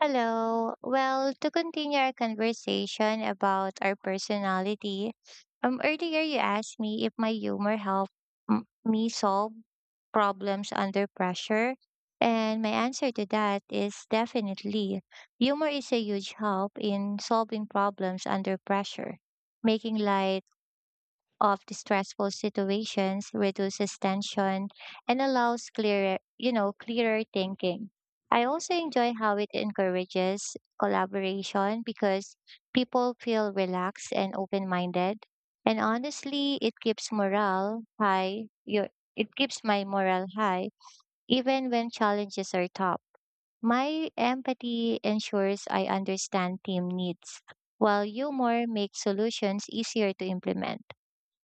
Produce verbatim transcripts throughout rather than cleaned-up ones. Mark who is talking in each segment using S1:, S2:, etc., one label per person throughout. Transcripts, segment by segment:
S1: Hello. Well, to continue our conversation about our personality, um, earlier you asked me if my humor helped m- me solve problems under pressure. And my answer to that is definitely humor is a huge help in solving problems under pressure, making light of the stressful situations, reduces tension, and allows clearer, you know, clearer thinking. I also enjoy how it encourages collaboration because people feel relaxed and open-minded. And honestly, it keeps morale high. Your, it keeps my morale high even when challenges are tough. My empathy ensures I understand team needs, while humor makes solutions easier to implement.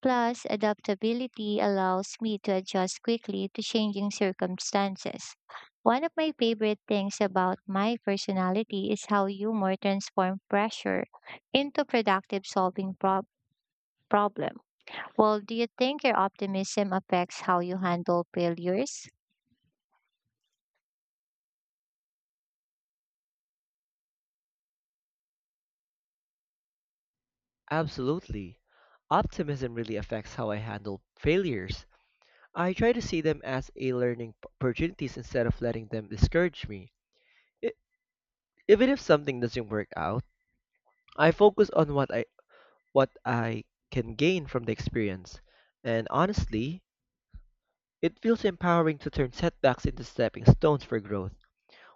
S1: Plus, adaptability allows me to adjust quickly to changing circumstances. One of my favorite things about my personality is how humor transforms pressure into productive solving prob- problem. Well, do you think your optimism affects how you handle failures?
S2: Absolutely. Optimism really affects how I handle failures. I try to see them as a learning p- opportunities instead of letting them discourage me. I- Even if something doesn't work out, I focus on what I what I can gain from the experience. And honestly, it feels empowering to turn setbacks into stepping stones for growth.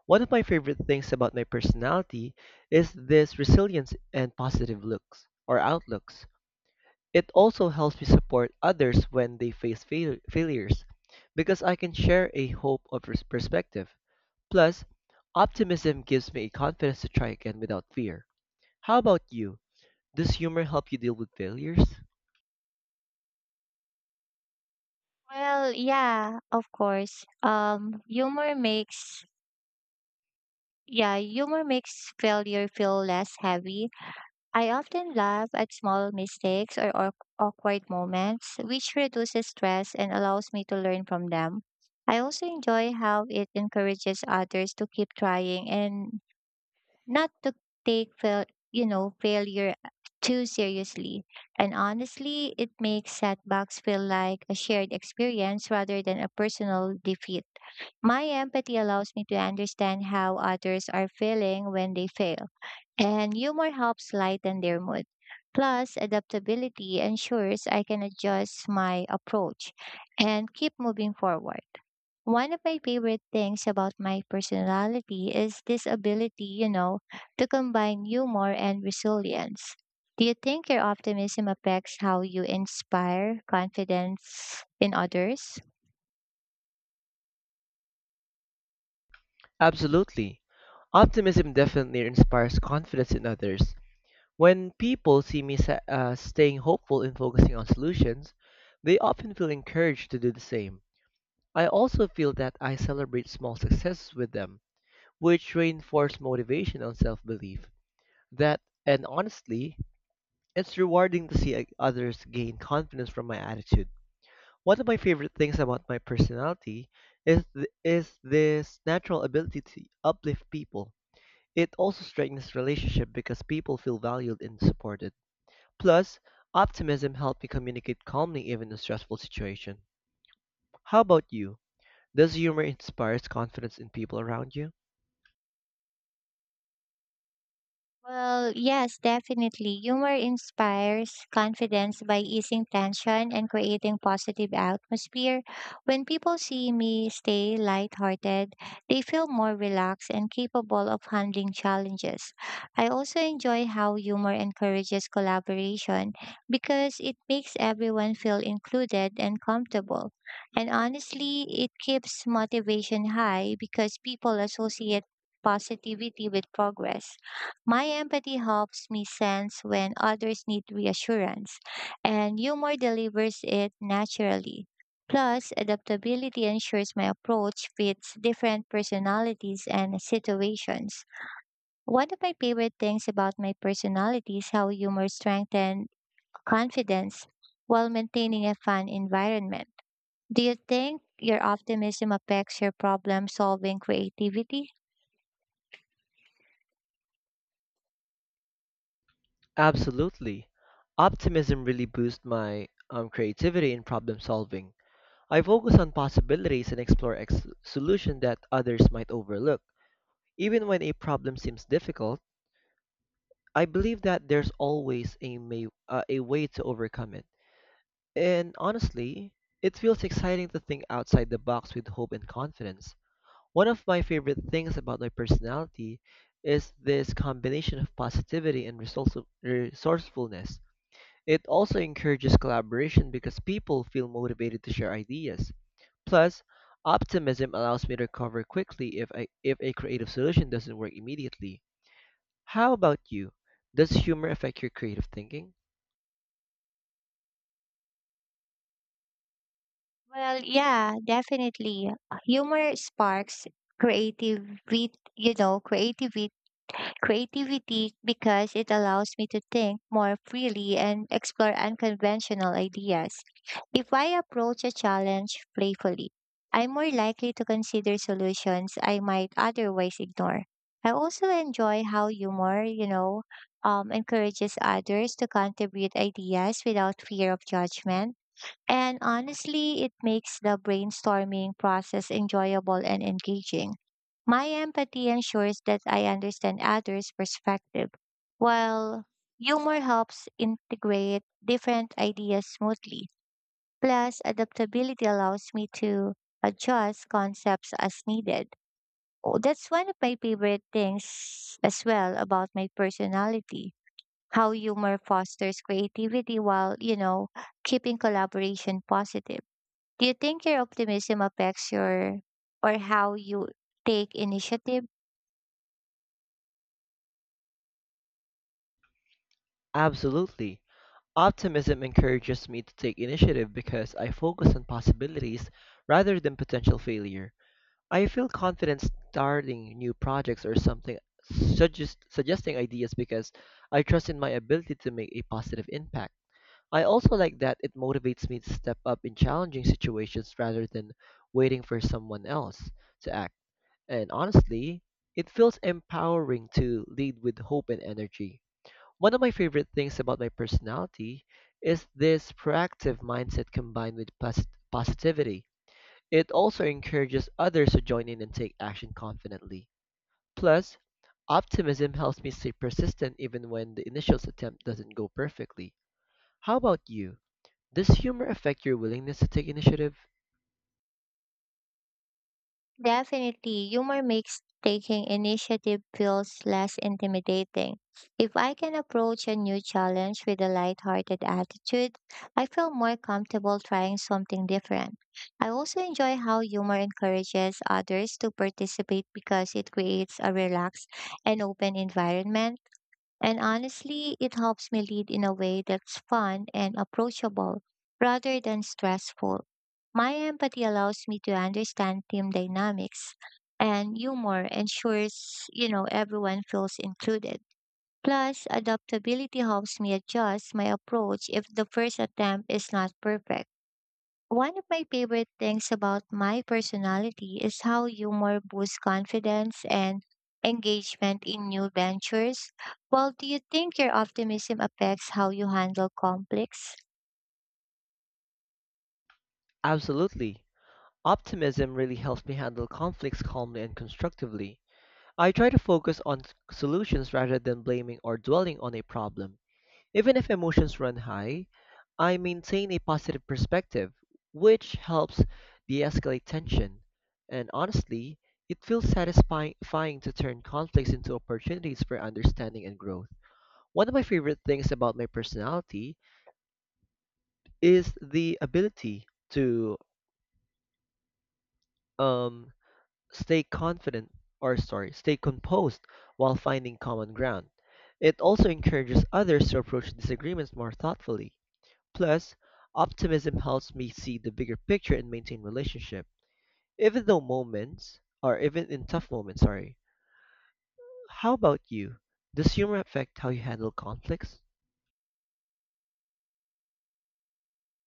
S2: One of my favorite things about my personality is this resilience and positive looks or outlooks. It also helps me support others when they face fail- failures because I can share a hope of pers- perspective. Plus, optimism gives me a confidence to try again without fear. How about you? Does humor help you deal with failures?
S1: Well, yeah, of course. Um, humor makes yeah, humor makes failure feel less heavy. I often laugh at small mistakes or awk- awkward moments, which reduces stress and allows me to learn from them. I also enjoy how it encourages others to keep trying and not to take fail, you know, failure too seriously. And honestly, it makes setbacks feel like a shared experience rather than a personal defeat. My empathy allows me to understand how others are feeling when they fail, and humor helps lighten their mood. Plus, adaptability ensures I can adjust my approach and keep moving forward. One of my favorite things about my personality is this ability, you know, to combine humor and resilience. Do you think your optimism affects how you inspire confidence in others?
S2: Absolutely. Optimism definitely inspires confidence in others. When people see me sa- uh, staying hopeful and focusing on solutions, they often feel encouraged to do the same. I also feel that I celebrate small successes with them which reinforce motivation and self-belief. That and honestly, it's rewarding to see uh, others gain confidence from my attitude. One of my favorite things about my personality is th- is this natural ability to uplift people. It also strengthens relationship because people feel valued and supported. Plus, optimism helps me communicate calmly even in a stressful situation. How about you? Does humor inspires confidence in people around you?
S1: Well, yes, definitely. Humor inspires confidence by easing tension and creating positive atmosphere. When people see me stay lighthearted, they feel more relaxed and capable of handling challenges. I also enjoy how humor encourages collaboration because it makes everyone feel included and comfortable. And honestly, it keeps motivation high because people associate positivity with progress. My empathy helps me sense when others need reassurance, and humor delivers it naturally. Plus, adaptability ensures my approach fits different personalities and situations. One of my favorite things about my personality is how humor strengthens confidence while maintaining a fun environment. Do you think your optimism affects your problem solving creativity?
S2: Absolutely. Optimism really boosts my um, creativity in problem solving. I focus on possibilities and explore ex- solutions that others might overlook. Even when a problem seems difficult, I believe that there's always a, may- uh, a way to overcome it. And honestly, it feels exciting to think outside the box with hope and confidence. One of my favorite things about my personality is this combination of positivity and resource- resourcefulness. It also encourages collaboration because people feel motivated to share ideas. Plus, optimism allows me to recover quickly if I, if a creative solution doesn't work immediately. How about you? Does humor affect your creative thinking?
S1: Well, yeah, definitely. Humor sparks creativity, you know, creativity, creativity because it allows me to think more freely and explore unconventional ideas. If I approach a challenge playfully, I'm more likely to consider solutions I might otherwise ignore. I also enjoy how humor, you know, um, encourages others to contribute ideas without fear of judgment, and honestly, it makes the brainstorming process enjoyable and engaging. My empathy ensures that I understand others' perspective, while humor helps integrate different ideas smoothly. Plus, adaptability allows me to adjust concepts as needed. Oh, that's one of my favorite things as well about my personality. How humor fosters creativity while, you know, keeping collaboration positive. Do you think your optimism affects your or how you take initiative?
S2: Absolutely. Optimism encourages me to take initiative because I focus on possibilities rather than potential failure. I feel confident starting new projects or something suggest, suggesting ideas because I trust in my ability to make a positive impact. I also like that it motivates me to step up in challenging situations rather than waiting for someone else to act. And honestly, it feels empowering to lead with hope and energy. One of my favorite things about my personality is this proactive mindset combined with pos- positivity. It also encourages others to join in and take action confidently. Plus, optimism helps me stay persistent even when the initial attempt doesn't go perfectly. How about you? Does humor affect your willingness to take initiative?
S1: Definitely, humor makes taking initiative feels less intimidating. If I can approach a new challenge with a lighthearted attitude, I feel more comfortable trying something different. I also enjoy how humor encourages others to participate because it creates a relaxed and open environment. And honestly, it helps me lead in a way that's fun and approachable rather than stressful. My empathy allows me to understand team dynamics, and humor ensures, you know, everyone feels included. Plus, adaptability helps me adjust my approach if the first attempt is not perfect. One of my favorite things about my personality is how humor boosts confidence and engagement in new ventures. Well, do you think your optimism affects how you handle conflicts?
S2: Absolutely. Optimism really helps me handle conflicts calmly and constructively. I try to focus on s- solutions rather than blaming or dwelling on a problem. Even if emotions run high, I maintain a positive perspective, which helps de escalate tension. And honestly, it feels satisfying satisfying to turn conflicts into opportunities for understanding and growth. One of my favorite things about my personality is the ability to um, stay confident or sorry, stay composed while finding common ground. It also encourages others to approach disagreements more thoughtfully. Plus, optimism helps me see the bigger picture and maintain relationship. Even though moments, or even in tough moments, sorry. How about you? Does humor affect how you handle conflicts?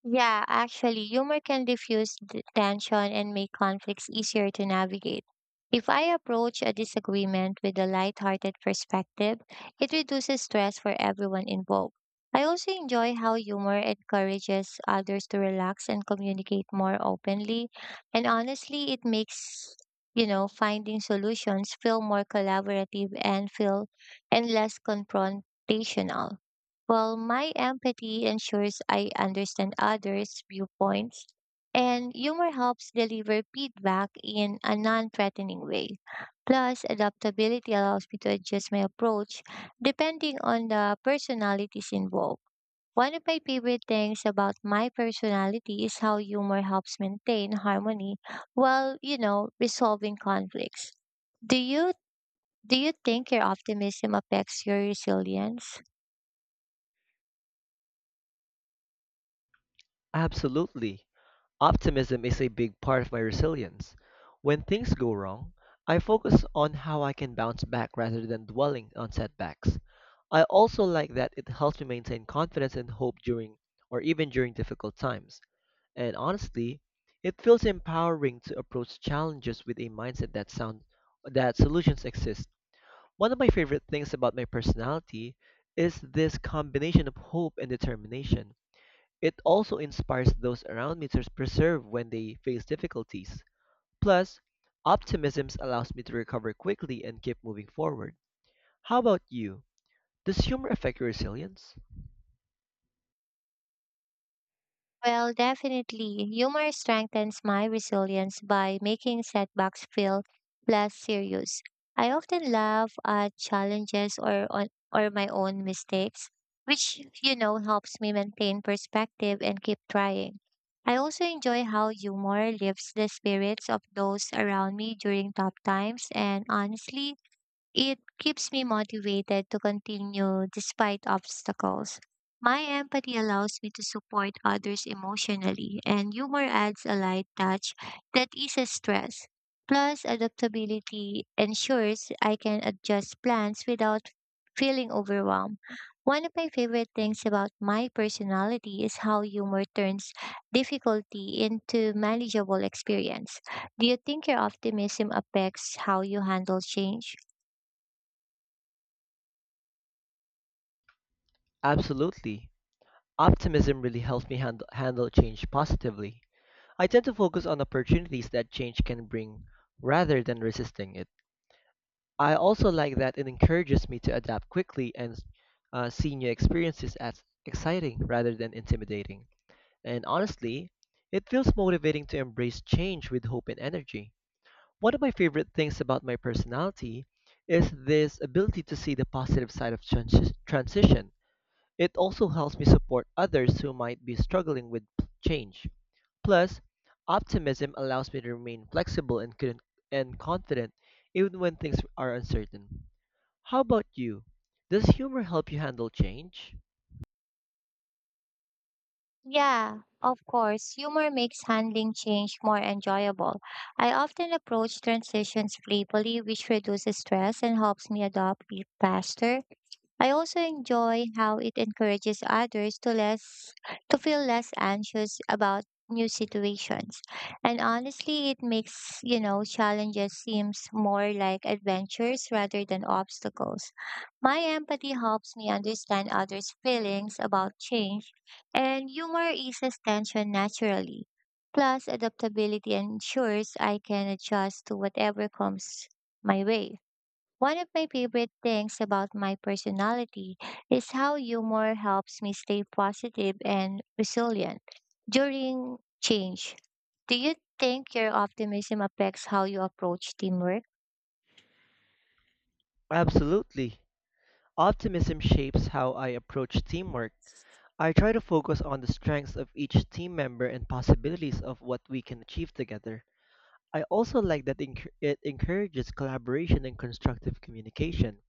S1: Yeah, actually, humor can diffuse th- tension and make conflicts easier to navigate. If I approach a disagreement with a lighthearted perspective, it reduces stress for everyone involved. I also enjoy how humor encourages others to relax and communicate more openly. And honestly, it makes, you know, finding solutions feel more collaborative and feel and less confrontational. Well, my empathy ensures I understand others' viewpoints, and humor helps deliver feedback in a non threatening way. Plus, adaptability allows me to adjust my approach depending on the personalities involved. One of my favorite things about my personality is how humor helps maintain harmony while, you know, resolving conflicts. Do you do you think your optimism affects your resilience?
S2: Absolutely. Optimism is a big part of my resilience. When things go wrong, I focus on how I can bounce back rather than dwelling on setbacks. I also like that it helps me maintain confidence and hope during or even during difficult times. And honestly, it feels empowering to approach challenges with a mindset that sound that solutions exist. One of my favorite things about my personality is this combination of hope and determination. It also inspires those around me to persevere when they face difficulties. Plus, optimism allows me to recover quickly and keep moving forward. How about you? Does humor affect your resilience?
S1: Well, definitely. Humor strengthens my resilience by making setbacks feel less serious. I often laugh at challenges or on or my own mistakes, which you know helps me maintain perspective and keep trying. I also enjoy how humor lifts the spirits of those around me during tough times, and honestly, it keeps me motivated to continue despite obstacles. My empathy allows me to support others emotionally, and humor adds a light touch that eases stress. Plus, adaptability ensures I can adjust plans without feeling overwhelmed. One of my favorite things about my personality is how humor turns difficulty into manageable experience. Do you think your optimism affects how you handle change?
S2: Absolutely. Optimism really helps me hand- handle change positively. I tend to focus on opportunities that change can bring rather than resisting it. I also like that it encourages me to adapt quickly and uh, see new experiences as exciting rather than intimidating. And honestly, it feels motivating to embrace change with hope and energy. One of my favorite things about my personality is this ability to see the positive side of transi- transition. It also helps me support others who might be struggling with p- change. Plus, optimism allows me to remain flexible and, con- and confident even when things are uncertain. How about you? Does humor help you handle change?
S1: Yeah, of course. Humor makes handling change more enjoyable. I often approach transitions playfully, which reduces stress and helps me adopt faster. I also enjoy how it encourages others to less to feel less anxious about new situations. And honestly, it makes, you know, challenges seems more like adventures rather than obstacles. My empathy helps me understand others' feelings about change, and humor eases tension naturally. Plus, adaptability ensures I can adjust to whatever comes my way. One of my favorite things about my personality is how humor helps me stay positive and resilient during change. Do you think your optimism affects how you approach teamwork?
S2: Absolutely. Optimism shapes how I approach teamwork. I try to focus on the strengths of each team member and possibilities of what we can achieve together. I also like that enc- it encourages collaboration and constructive communication.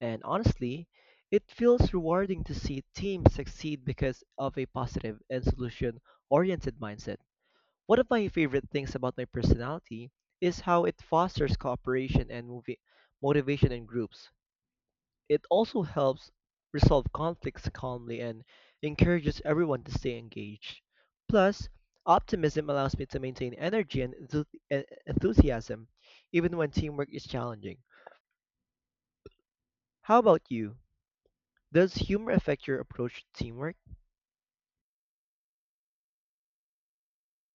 S2: And honestly, it feels rewarding to see teams succeed because of a positive and solution oriented mindset. One of my favorite things about my personality is how it fosters cooperation and movi- motivation in groups. It also helps resolve conflicts calmly and encourages everyone to stay engaged. Plus, optimism allows me to maintain energy and enthu- e- enthusiasm even when teamwork is challenging. How about you? Does humor affect your approach to teamwork?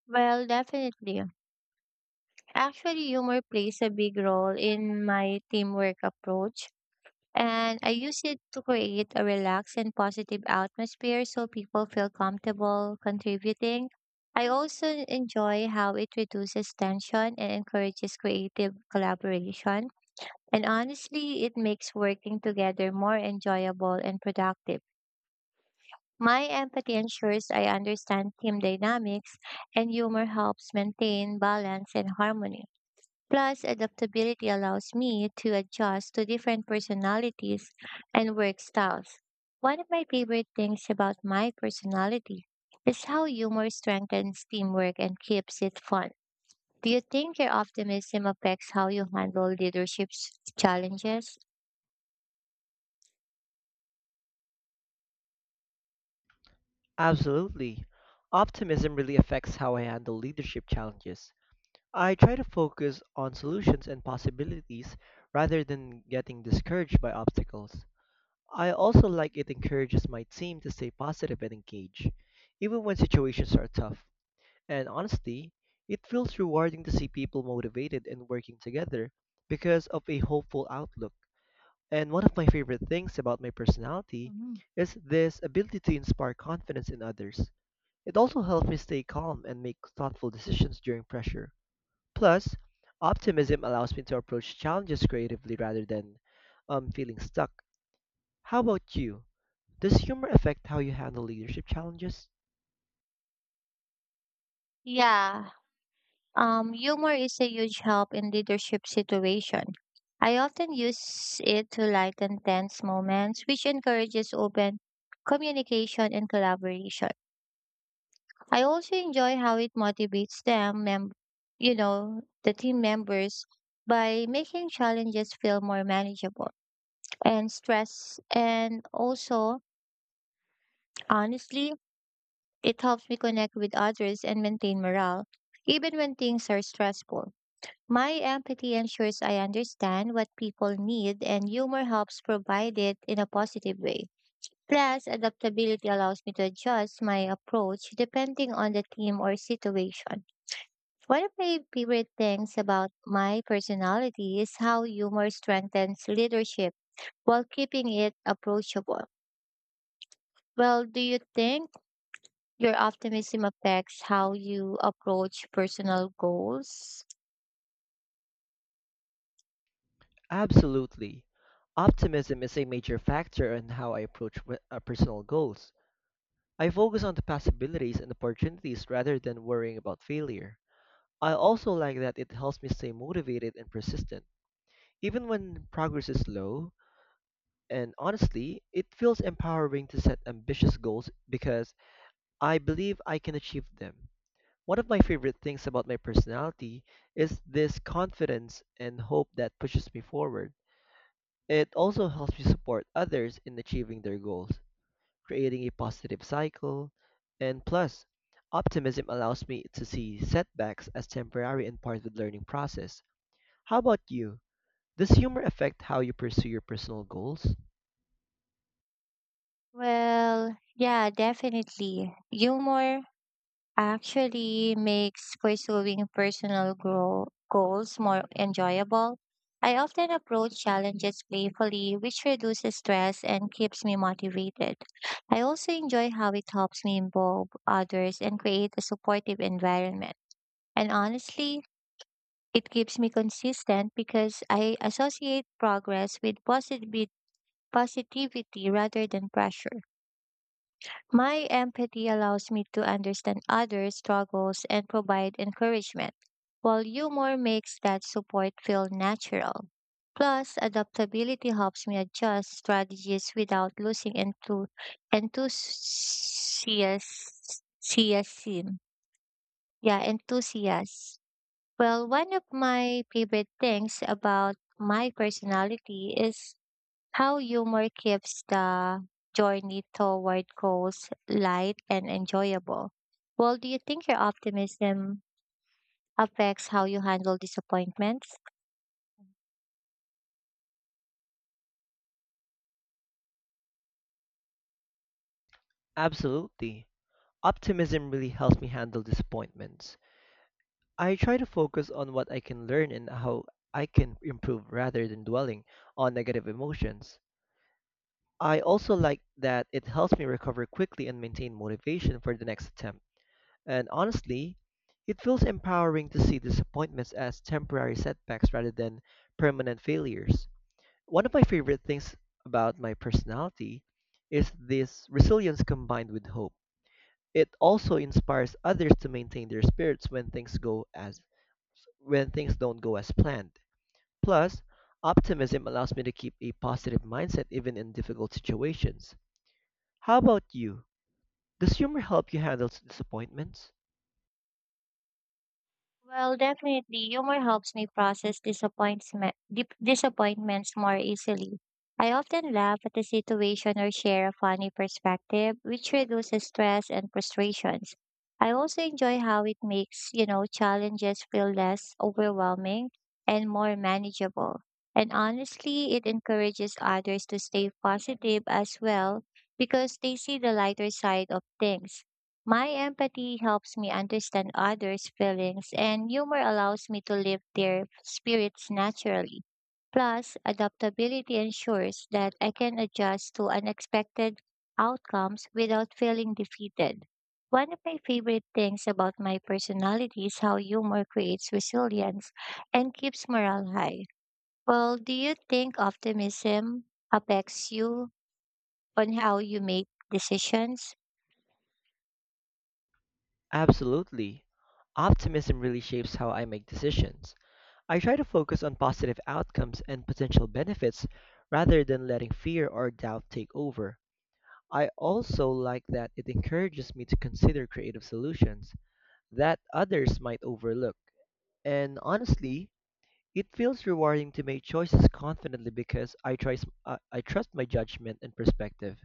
S1: Well, definitely. Actually, humor plays a big role in my teamwork approach. And I use it to create a relaxed and positive atmosphere so people feel comfortable contributing. I also enjoy how it reduces tension and encourages creative collaboration. And honestly, it makes working together more enjoyable and productive. My empathy ensures I understand team dynamics, and humor helps maintain balance and harmony. Plus, adaptability allows me to adjust to different personalities and work styles. One of my favorite things about my personality is how humor strengthens teamwork and keeps it fun. Do you think your optimism affects how you handle leadership s- challenges?
S2: Absolutely. Optimism really affects how I handle leadership challenges. I try to focus on solutions and possibilities rather than getting discouraged by obstacles. I also like it encourages my team to stay positive and engage, even when situations are tough. And honestly, it feels rewarding to see people motivated and working together because of a hopeful outlook. And one of my favorite things about my personality
S1: Mhm.
S2: is this ability to inspire confidence in others. It also helps me stay calm and make thoughtful decisions during pressure. Plus, optimism allows me to approach challenges creatively rather than um, feeling stuck. How about you? Does humor affect how you handle leadership challenges?
S1: Yeah. Um, humor is a huge help in leadership situation. I often use it to lighten tense moments, which encourages open communication and collaboration. I also enjoy how it motivates them, mem- you know, the team members by making challenges feel more manageable and stress. And also, honestly, it helps me connect with others and maintain morale, even when things are stressful. My empathy ensures I understand what people need, and humor helps provide it in a positive way. Plus, adaptability allows me to adjust my approach depending on the theme or situation. One of my favorite things about my personality is how humor strengthens leadership while keeping it approachable. Well, do you think your optimism affects how you approach personal goals?
S2: Absolutely. Optimism is a major factor in how I approach w- uh, personal goals. I focus on the possibilities and opportunities rather than worrying about failure. I also like that it helps me stay motivated and persistent, even when progress is slow. And honestly, it feels empowering to set ambitious goals because I believe I can achieve them. One of my favorite things about my personality is this confidence and hope that pushes me forward. It also helps me support others in achieving their goals, creating a positive cycle. And plus, optimism allows me to see setbacks as temporary and part of the learning process. How about you? Does humor affect how you pursue your personal goals?
S1: Well, yeah, definitely. Humor actually makes pursuing personal grow- goals more enjoyable. I often approach challenges playfully, which reduces stress and keeps me motivated. I also enjoy how it helps me involve others and create a supportive environment. And honestly, it keeps me consistent because I associate progress with posit- with positivity rather than pressure. My empathy allows me to understand others' struggles and provide encouragement, while humor makes that support feel natural. Plus, adaptability helps me adjust strategies without losing enthu- enthusiasm. Yeah, enthusiasm. Well, one of my favorite things about my personality is how humor keeps the journey toward goals light and enjoyable. Well, do you think your optimism affects how you handle disappointments?
S2: Absolutely. Optimism really helps me handle disappointments. I try to focus on what I can learn and how I can improve rather than dwelling on negative emotions. I also like that it helps me recover quickly and maintain motivation for the next attempt. And honestly, it feels empowering to see disappointments as temporary setbacks rather than permanent failures. One of my favorite things about my personality is this resilience combined with hope. It also inspires others to maintain their spirits when things go as when things don't go as planned. Plus, optimism allows me to keep a positive mindset even in difficult situations. How about you? Does humor help you handle disappointments?
S1: Well, definitely, humor helps me process disappointment, dip- disappointments more easily. I often laugh at the situation or share a funny perspective, which reduces stress and frustrations. I also enjoy how it makes, you know, challenges feel less overwhelming and more manageable. And honestly, it encourages others to stay positive as well because they see the lighter side of things. My empathy helps me understand others' feelings, and humor allows me to lift their spirits naturally. Plus, adaptability ensures that I can adjust to unexpected outcomes without feeling defeated. One of my favorite things about my personality is how humor creates resilience and keeps morale high. Well, do you think optimism affects you on how you make decisions?
S2: Absolutely. Optimism really shapes how I make decisions. I try to focus on positive outcomes and potential benefits rather than letting fear or doubt take over. I also like that it encourages me to consider creative solutions that others might overlook. And honestly, it feels rewarding to make choices confidently because I, try, uh, I trust my judgment and perspective.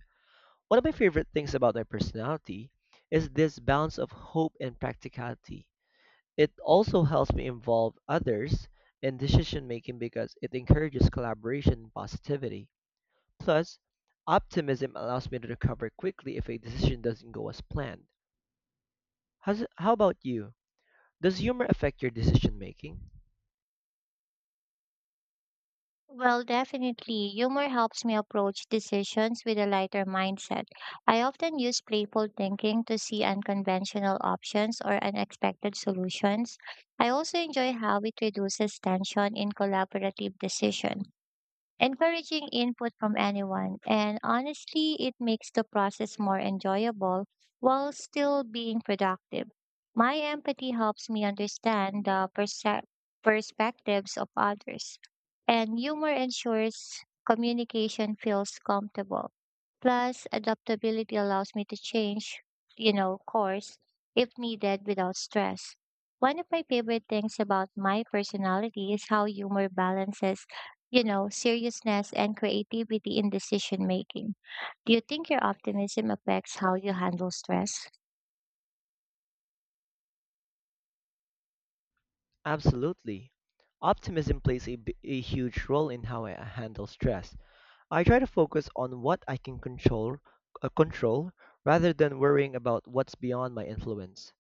S2: One of my favorite things about my personality is this balance of hope and practicality. It also helps me involve others in decision making because it encourages collaboration and positivity. Plus, optimism allows me to recover quickly if a decision doesn't go as planned. How's, how about you? Does humor affect your decision making?
S1: Well, definitely. Humor helps me approach decisions with a lighter mindset. I often use playful thinking to see unconventional options or unexpected solutions. I also enjoy how it reduces tension in collaborative decisions, encouraging input from anyone, and honestly, it makes the process more enjoyable while still being productive. My empathy helps me understand the perse- perspectives of others, and humor ensures communication feels comfortable. Plus, adaptability allows me to change, you know, course if needed without stress. One of my favorite things about my personality is how humor balances you know, seriousness and creativity in decision making. Do you think your optimism affects how you handle stress?
S2: Absolutely. Optimism plays a, b- a huge role in how I handle stress. I try to focus on what I can control, uh, control rather than worrying about what's beyond my influence.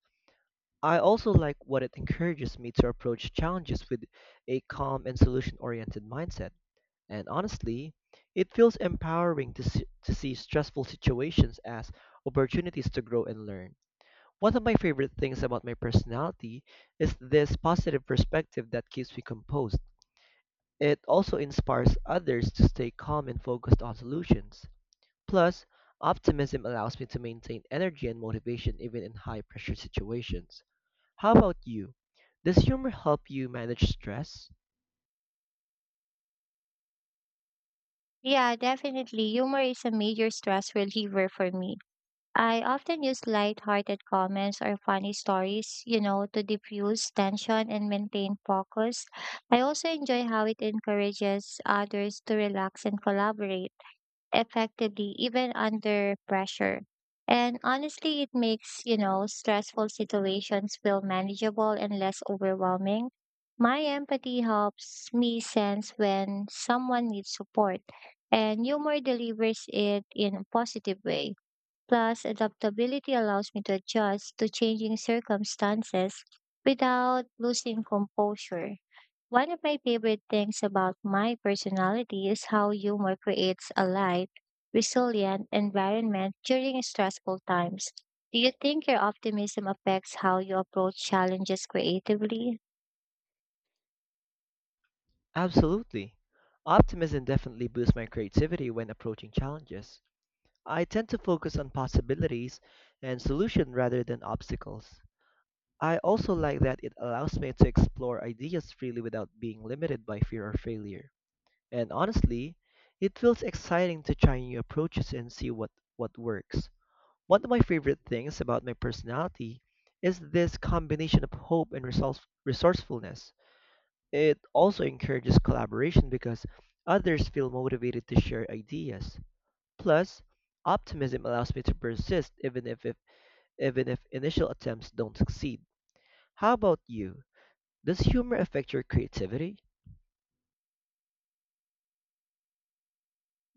S2: I also like what it encourages me to approach challenges with a calm and solution oriented mindset. And honestly, it feels empowering to see, to see stressful situations as opportunities to grow and learn. One of my favorite things about my personality is this positive perspective that keeps me composed. It also inspires others to stay calm and focused on solutions. Plus, optimism allows me to maintain energy and motivation even in high pressure situations. How about you? Does humor help you manage stress?
S1: Yeah, definitely. Humor is a major stress reliever for me. I often use light-hearted comments or funny stories, you know, to diffuse tension and maintain focus. I also enjoy how it encourages others to relax and collaborate effectively even under pressure. And honestly, it makes, you know, stressful situations feel manageable and less overwhelming. My empathy helps me sense when someone needs support, and humor delivers it in a positive way. Plus, adaptability allows me to adjust to changing circumstances without losing composure. One of my favorite things about my personality is how humor creates a light, resilient environment during stressful times. Do you think your optimism affects how you approach challenges creatively?
S2: Absolutely. Optimism definitely boosts my creativity when approaching challenges. I tend to focus on possibilities and solutions rather than obstacles. I also like that it allows me to explore ideas freely without being limited by fear or failure. And honestly, it feels exciting to try new approaches and see what, what works. One of my favorite things about my personality is this combination of hope and resource- resourcefulness. It also encourages collaboration because others feel motivated to share ideas. Plus, optimism allows me to persist even if, if even if initial attempts don't succeed. How about you? Does humor affect your creativity?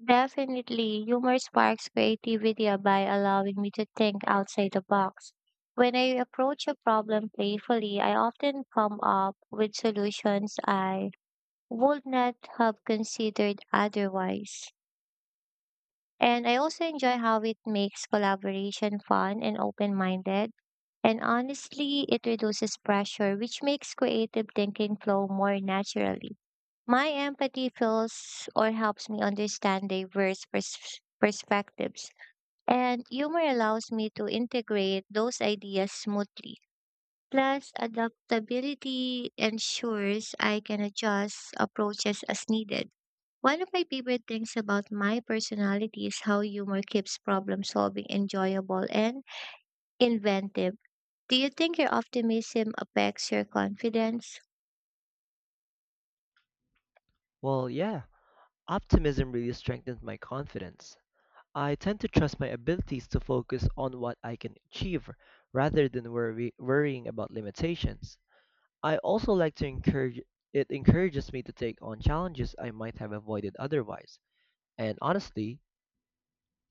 S1: Definitely, humor sparks creativity by allowing me to think outside the box. When I approach a problem playfully, I often come up with solutions I would not have considered otherwise. And I also enjoy how it makes collaboration fun and open minded. And honestly, it reduces pressure, which makes creative thinking flow more naturally. My empathy feels or helps me understand diverse pers- perspectives, and humor allows me to integrate those ideas smoothly. Plus, adaptability ensures I can adjust approaches as needed. One of my favorite things about my personality is how humor keeps problem solving enjoyable and inventive. Do you think your optimism affects your confidence?
S2: Well, yeah. Optimism really strengthens my confidence. I tend to trust my abilities to focus on what I can achieve rather than worry, worrying about limitations. I also like to encourage it encourages me to take on challenges I might have avoided otherwise. And honestly,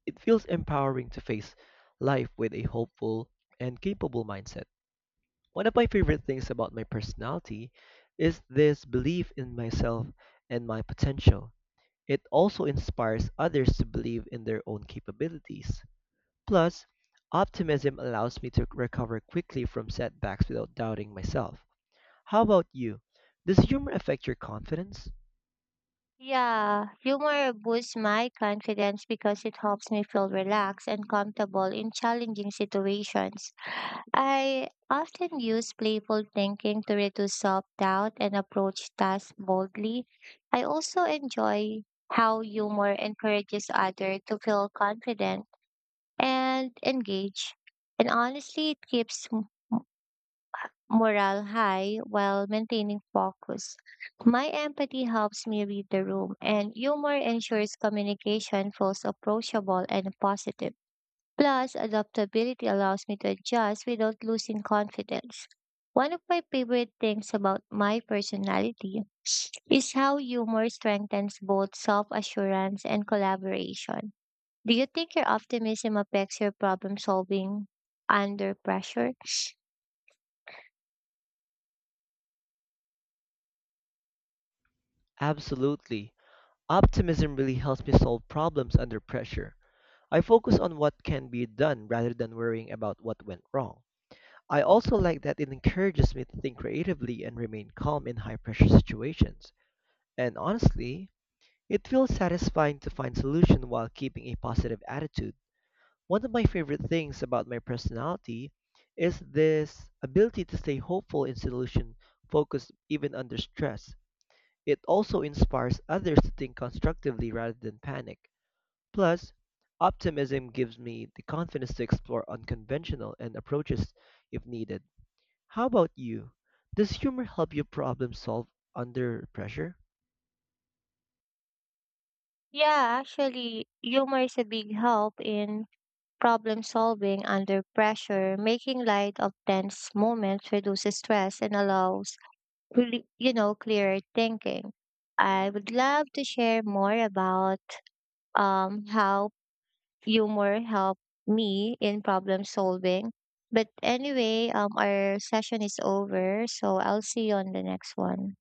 S2: it feels empowering to face life with a hopeful and capable mindset. One of my favorite things about my personality is this belief in myself and my potential. It also inspires others to believe in their own capabilities. Plus, optimism allows me to recover quickly from setbacks without doubting myself. How about you? Does humor affect your confidence?
S1: Yeah, humor boosts my confidence because it helps me feel relaxed and comfortable in challenging situations. I often use playful thinking to reduce self doubt and approach tasks boldly. I also enjoy how humor encourages others to feel confident and engaged. And honestly, it keeps morale high while maintaining focus. My empathy helps me read the room, and humor ensures communication feels approachable and positive. Plus, adaptability allows me to adjust without losing confidence. One of my favorite things about my personality is how humor strengthens both self assurance and collaboration. Do you think your optimism affects your problem solving under pressure?
S2: Absolutely. Optimism really helps me solve problems under pressure. I focus on what can be done rather than worrying about what went wrong. I also like that it encourages me to think creatively and remain calm in high pressure situations. And honestly, it feels satisfying to find solutions while keeping a positive attitude. One of my favorite things about my personality is this ability to stay hopeful and solution focused even under stress. It also inspires others to think constructively rather than panic. Plus, optimism gives me the confidence to explore unconventional and approaches if needed. How about you? Does humor help you problem solve under pressure?
S1: Yeah, actually, humor is a big help in problem solving under pressure. Making light of tense moments reduces stress and allows, really, you know, clearer thinking. I would love to share more about um, how humor helped me in problem solving. But anyway, um, our session is over, so I'll see you on the next one.